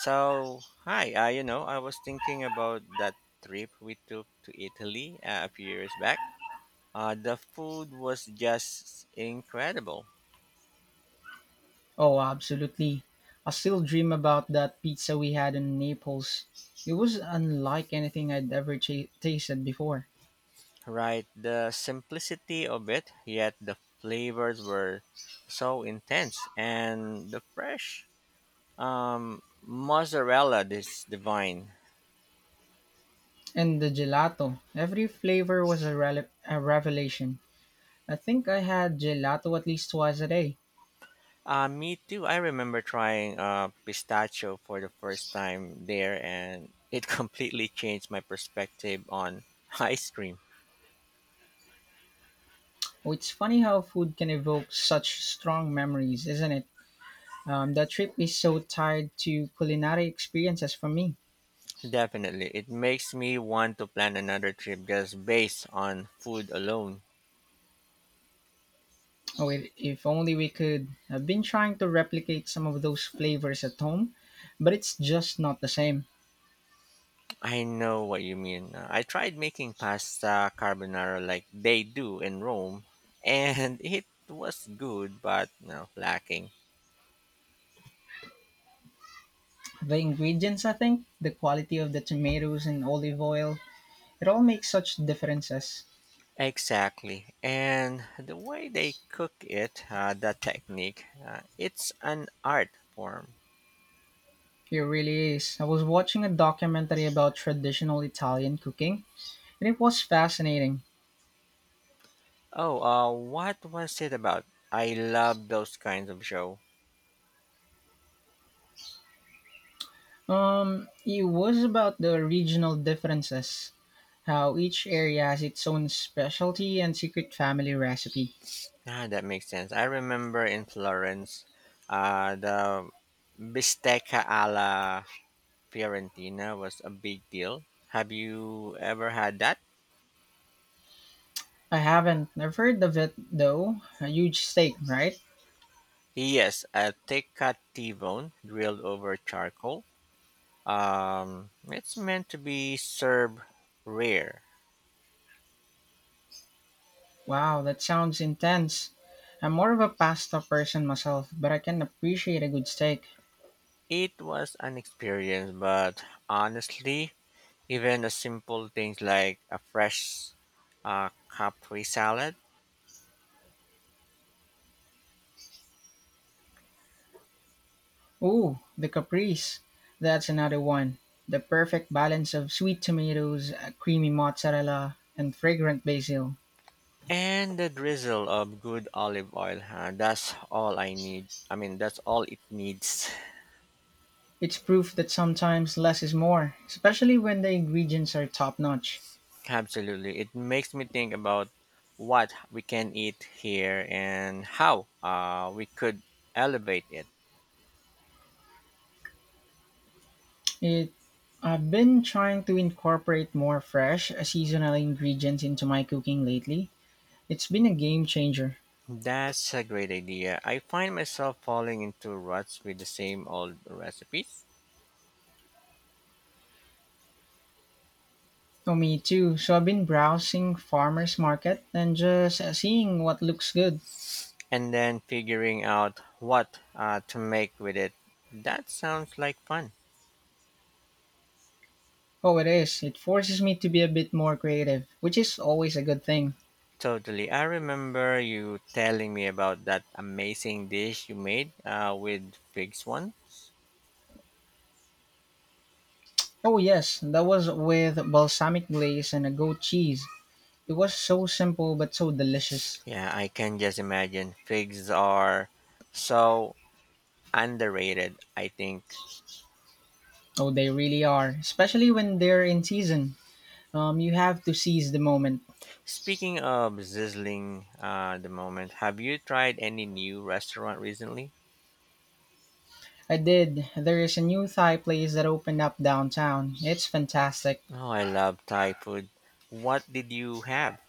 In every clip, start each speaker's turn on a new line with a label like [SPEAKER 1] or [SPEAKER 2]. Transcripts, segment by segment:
[SPEAKER 1] So, hi, you know, I was thinking about that trip we took to Italy a few years back. The food was just incredible,
[SPEAKER 2] Oh, absolutely. I still dream about that pizza we had in Naples. It was unlike anything I'd ever tasted before.
[SPEAKER 1] right? The simplicity of it, yet the flavors were so intense, and the fresh mozzarella is divine.
[SPEAKER 2] And the gelato. Every flavor was a revelation. I think I had gelato at least twice a day.
[SPEAKER 1] Me too. I remember trying pistachio for the first time there, and it completely changed my perspective on ice cream.
[SPEAKER 2] Oh, it's funny how food can evoke such strong memories, isn't it? That trip is so tied to culinary experiences for me.
[SPEAKER 1] Definitely. It makes me want to plan another trip just based on food alone.
[SPEAKER 2] Oh, if only we could. I've been trying to replicate some of those flavors at home, but it's just not the same.
[SPEAKER 1] I know what you mean. I tried making pasta carbonara like they do in Rome, and it was good but no, lacking.
[SPEAKER 2] The ingredients, I think, the quality of the tomatoes and olive oil, it all makes such differences.
[SPEAKER 1] Exactly. And the way they cook it, the technique, it's an art form.
[SPEAKER 2] It really is. I was watching a documentary about traditional Italian cooking, and it was fascinating.
[SPEAKER 1] Oh, what was it about? I love those kinds of show.
[SPEAKER 2] It was about the regional differences, how each area has its own specialty and secret family recipe.
[SPEAKER 1] Ah, that makes sense. I remember in Florence, the bistecca alla Fiorentina was a big deal. Have you ever had that?
[SPEAKER 2] I haven't. I've heard of it though. A huge steak, right?
[SPEAKER 1] Yes, a thick cut T bone grilled over charcoal. It's meant to be served rare.
[SPEAKER 2] Wow, that sounds intense. I'm more of a pasta person myself, but I can appreciate a good steak.
[SPEAKER 1] It was an experience, but honestly, even the simple things like a fresh Capri salad.
[SPEAKER 2] Ooh, the caprese. That's another one. The perfect balance of sweet tomatoes, creamy mozzarella, and fragrant basil.
[SPEAKER 1] And a drizzle of good olive oil, huh? That's all I need. I mean, that's all it needs.
[SPEAKER 2] It's proof that sometimes less is more, especially when the ingredients are top notch.
[SPEAKER 1] Absolutely. It makes me think about what we can eat here and how we could elevate it.
[SPEAKER 2] It I've been trying to incorporate more fresh, seasonal ingredients into my cooking lately. It's been a game changer.
[SPEAKER 1] That's a great idea. I find myself falling into ruts with the same old recipes,
[SPEAKER 2] Oh, me too. So I've been browsing farmers market and just seeing what looks good.
[SPEAKER 1] and then figuring out what to make with it. That sounds like fun.
[SPEAKER 2] Oh, it is. It forces me to be a bit more creative, which is always a good thing.
[SPEAKER 1] Totally. I remember you telling me about that amazing dish you made with figs once.
[SPEAKER 2] Oh, yes, that was with balsamic glaze and a goat cheese. It was so simple but so delicious.
[SPEAKER 1] Yeah, I can just imagine. Figs are so underrated, I think.
[SPEAKER 2] Oh, they really are, especially when they're in season. You have to seize the moment.
[SPEAKER 1] Speaking of sizzling the moment, have you tried any new restaurant recently?
[SPEAKER 2] I did. There is a new Thai place that opened up downtown. It's fantastic.
[SPEAKER 1] Oh, I love Thai food. What did you have?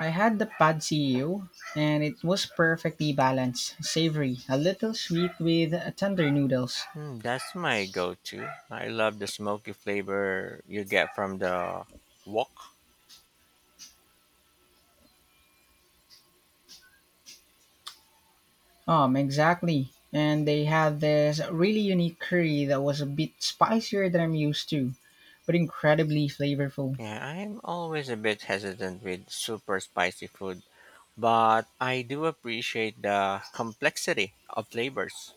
[SPEAKER 2] I had the pad see ew, and it was perfectly balanced, savory, a little sweet with tender noodles.
[SPEAKER 1] Hmm, that's my go to. I love the smoky flavor you get from the wok.
[SPEAKER 2] Exactly. And they had this really unique curry that was a bit spicier than I'm used to, but incredibly flavorful.
[SPEAKER 1] Yeah, I'm always a bit hesitant with super spicy food, but I do appreciate the complexity of flavors.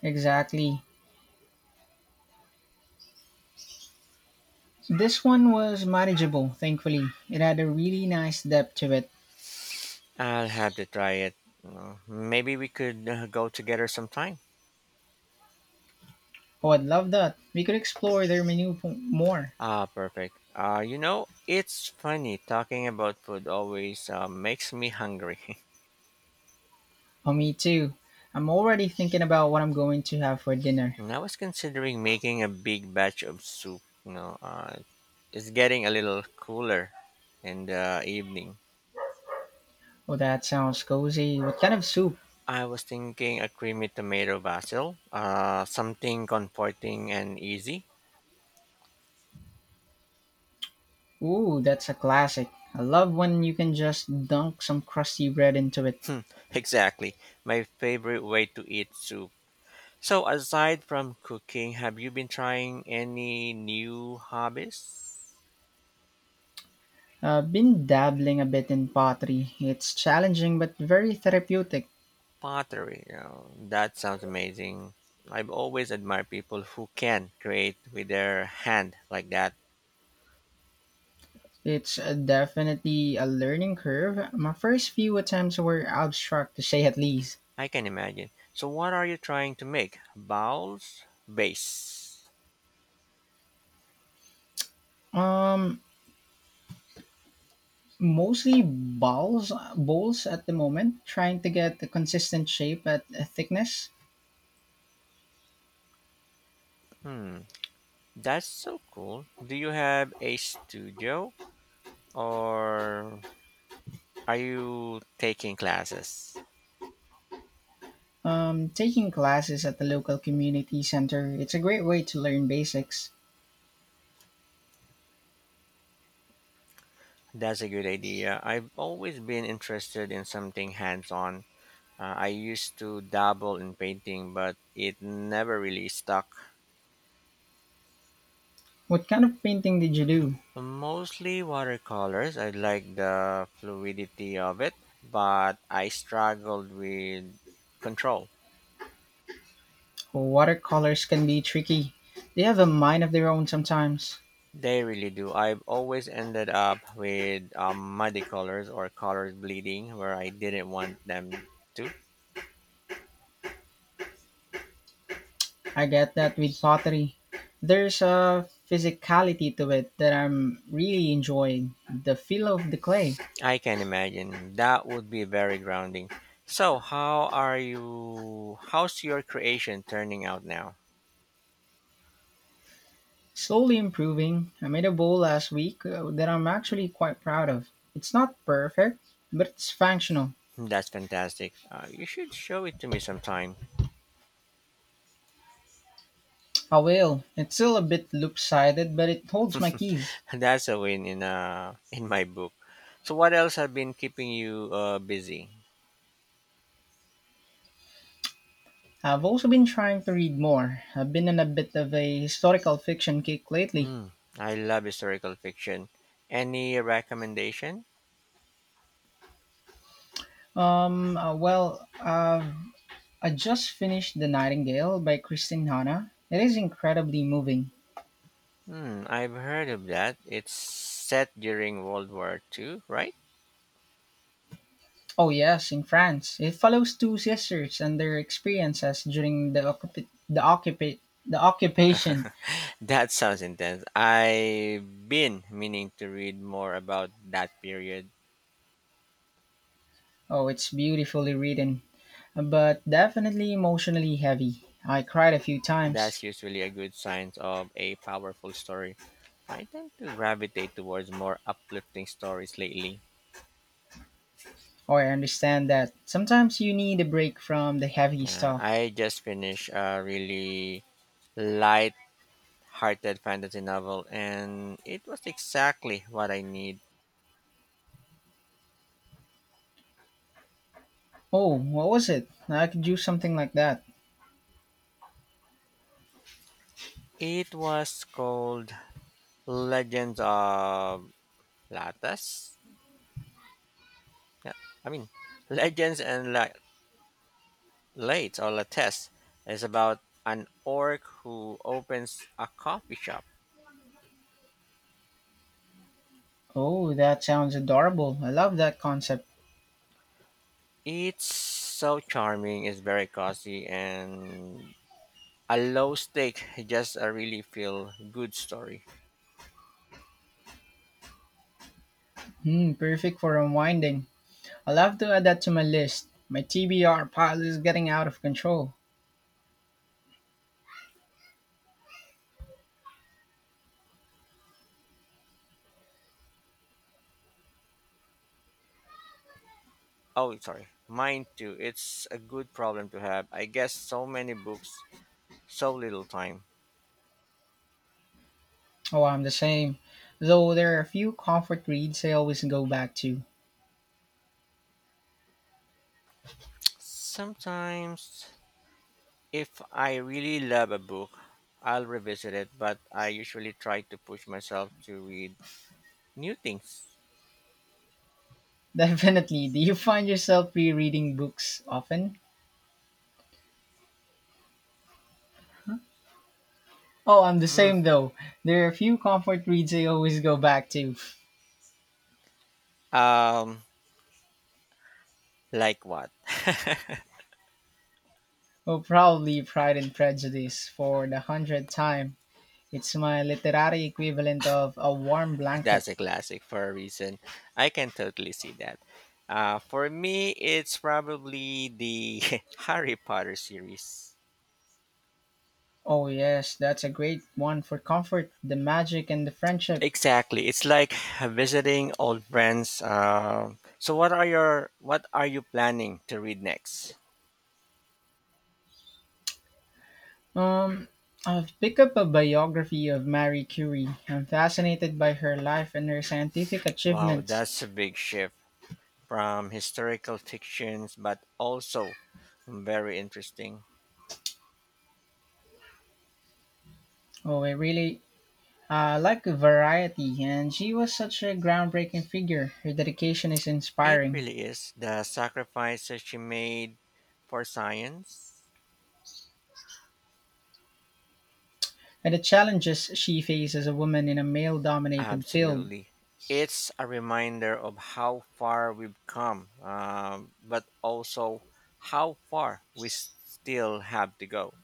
[SPEAKER 2] Exactly. This one was manageable, thankfully. It had a really nice depth to it.
[SPEAKER 1] I'll have to try it. Maybe we could go together sometime.
[SPEAKER 2] Oh, I'd love that. We could explore their menu more.
[SPEAKER 1] Ah, perfect. You know, it's funny talking about food always makes me hungry.
[SPEAKER 2] Oh, me too. I'm already thinking about what I'm going to have for dinner.
[SPEAKER 1] And I was considering making a big batch of soup. You know, it's getting a little cooler in the evening.
[SPEAKER 2] Oh, that sounds cozy. What kind of soup?
[SPEAKER 1] I was thinking a creamy tomato basil, something comforting and easy.
[SPEAKER 2] Ooh, that's a classic. I love when you can just dunk some crusty bread into it.
[SPEAKER 1] Exactly, my favorite way to eat soup. So, aside from cooking, have you been trying any new hobbies?
[SPEAKER 2] I've been dabbling a bit in pottery. It's challenging but very therapeutic.
[SPEAKER 1] Pottery, you that sounds amazing. I've always admired people who can create with their hand like that.
[SPEAKER 2] It's definitely a learning curve. My first few attempts were abstract to say at least.
[SPEAKER 1] I can imagine. So, what are you trying to make? Bowls? Vase?
[SPEAKER 2] Um, Mostly bowls at the moment, trying to get a consistent shape at a thickness.
[SPEAKER 1] Hmm. That's so cool. Do you have a studio or are you taking classes?
[SPEAKER 2] Taking classes at the local community center, it's a great way to learn basics.
[SPEAKER 1] That's a good idea. I've always been interested in something hands on. I used to dabble in painting, but it never really stuck.
[SPEAKER 2] What kind of painting did you do?
[SPEAKER 1] Mostly watercolors. I like the fluidity of it, but I struggled with control.
[SPEAKER 2] Well, watercolors can be tricky. They have a mind of their own sometimes.
[SPEAKER 1] They really do. I've always ended up with muddy colors or colors bleeding where I didn't want them to.
[SPEAKER 2] I get that with pottery. There's a physicality to it that I'm really enjoying. The feel of the clay.
[SPEAKER 1] I can imagine that would be very grounding. So, how are you? How's your creation turning out now?
[SPEAKER 2] Slowly improving. I made a bowl last week that I'm actually quite proud of. It's not perfect, but it's functional.
[SPEAKER 1] That's fantastic. You should show it to me sometime.
[SPEAKER 2] I will. It's still a bit loop-sided, but it holds my keys.
[SPEAKER 1] That's a win in my book. So, what else have been keeping you busy?
[SPEAKER 2] I've also been trying to read more. I've been in a bit of a historical fiction kick lately.
[SPEAKER 1] Hmm, I love historical fiction. Any recommendation?
[SPEAKER 2] Um, uh, well, uh, I just finished The Nightingale by Christine Hanna. It is incredibly moving.
[SPEAKER 1] Hmm, I've heard of that. It's set during World War Two, right?
[SPEAKER 2] Oh, yes, in France. It follows two sisters and their experiences during the occupation.
[SPEAKER 1] That sounds intense. I've been meaning to read more about that period.
[SPEAKER 2] Oh, it's beautifully written, but definitely emotionally heavy. I cried a few times.
[SPEAKER 1] That's usually a good sign of a powerful story. I tend to gravitate towards more uplifting stories lately.
[SPEAKER 2] Oh, I understand that. Sometimes you need a break from the heavy
[SPEAKER 1] Yeah,
[SPEAKER 2] stuff.
[SPEAKER 1] I just finished a really light-hearted fantasy novel, and it was exactly what I need.
[SPEAKER 2] Oh, what was it? I could do something like that.
[SPEAKER 1] It was called Legends of Lattes? Yeah, I mean, Legends and La- Lates or Lattes is about an orc who opens a coffee shop.
[SPEAKER 2] Oh, that sounds adorable. I love that concept.
[SPEAKER 1] It's so charming, it's very cozy, and a low stake, just a really feel good story.
[SPEAKER 2] Hmm, perfect for unwinding. I'll have to add that to my list. My TBR pile is getting out of control.
[SPEAKER 1] Oh, sorry, mine too. It's a good problem to have. I guess so many books, so little time.
[SPEAKER 2] Oh, I'm the same. Though there are a few comfort reads I always go back to.
[SPEAKER 1] Sometimes if I really love a book, I'll revisit it, but I usually try to push myself to read new things.
[SPEAKER 2] Definitely. Do you find yourself re-reading books often? Oh, I'm the
[SPEAKER 1] Hmm.
[SPEAKER 2] same though. There are a few comfort reads I always go back to.
[SPEAKER 1] Um, like what?
[SPEAKER 2] Oh, probably Pride and Prejudice for the hundredth time. It's my literary equivalent of a warm blanket.
[SPEAKER 1] That's a classic for a reason. I can totally see that. For me, it's probably the Harry Potter series.
[SPEAKER 2] Oh yes, that's a great one for comfort, the magic and the friendship.
[SPEAKER 1] Exactly, it's like visiting old friends. So, what are you planning to read next?
[SPEAKER 2] Um I've picked up a biography of Marie Curie. I'm fascinated by her life and her scientific
[SPEAKER 1] Wow,
[SPEAKER 2] achievements.
[SPEAKER 1] that's a big shift from historical fictions, but also very interesting.
[SPEAKER 2] Oh, I really like variety, and she was such a groundbreaking figure. Her dedication is
[SPEAKER 1] It
[SPEAKER 2] inspiring,
[SPEAKER 1] really is. The sacrifices she made for science.
[SPEAKER 2] and the challenges she faced as a woman in a male dominated field.
[SPEAKER 1] Absolutely. It's a reminder of how far we've come, but also how far still have to go.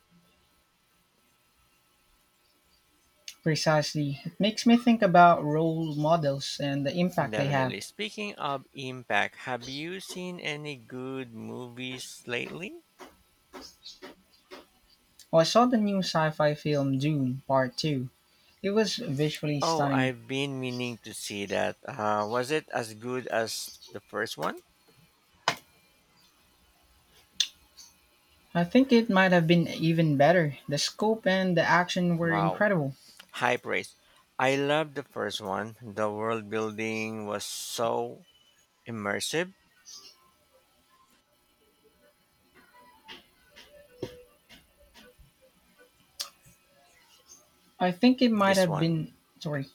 [SPEAKER 2] Precisely. It makes me think about role models and the impact they have.
[SPEAKER 1] Definitely. Speaking of impact, have you seen any good movies lately?
[SPEAKER 2] Oh, I saw the new sci fi film Dune Part 2. It was visually
[SPEAKER 1] Oh,
[SPEAKER 2] stunning.
[SPEAKER 1] I've been meaning to see that. Was it as good as the first one?
[SPEAKER 2] I think it might have been even better. The scope and the action were
[SPEAKER 1] Wow,
[SPEAKER 2] incredible.
[SPEAKER 1] high praise. I loved the first one. The world building was so immersive.
[SPEAKER 2] I think it might
[SPEAKER 1] This
[SPEAKER 2] have
[SPEAKER 1] one,
[SPEAKER 2] been. Sorry.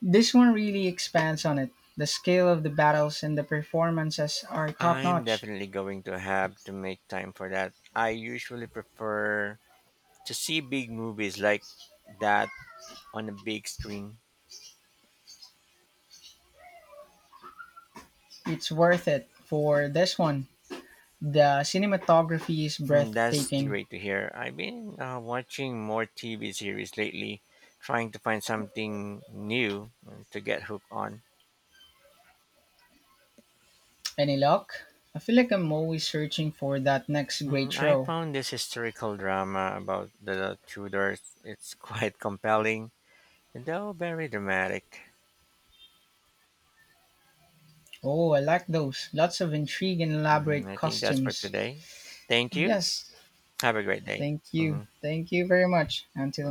[SPEAKER 2] This one really expands on it. The scale of the battles and the performances are top
[SPEAKER 1] I'm
[SPEAKER 2] notch.
[SPEAKER 1] definitely going to have to make time for that. I usually prefer to see big movies like that on a big screen.
[SPEAKER 2] It's worth it for this one. The cinematography is
[SPEAKER 1] Hmm, that's
[SPEAKER 2] breathtaking.
[SPEAKER 1] great to hear. I've been watching more TV series lately, trying to find something new to get hooked on.
[SPEAKER 2] Any luck? I feel like I'm always searching for that next
[SPEAKER 1] Hmm,
[SPEAKER 2] great
[SPEAKER 1] I
[SPEAKER 2] show.
[SPEAKER 1] found this historical drama about the Tudors. It's quite compelling, though very dramatic.
[SPEAKER 2] Oh, I like those. Lots of intrigue and
[SPEAKER 1] Mhm,
[SPEAKER 2] elaborate
[SPEAKER 1] I think that's for
[SPEAKER 2] costumes.
[SPEAKER 1] today. Thank you.
[SPEAKER 2] Yes,
[SPEAKER 1] Have a great day.
[SPEAKER 2] thank you.
[SPEAKER 1] Mhm.
[SPEAKER 2] Thank you very much. Until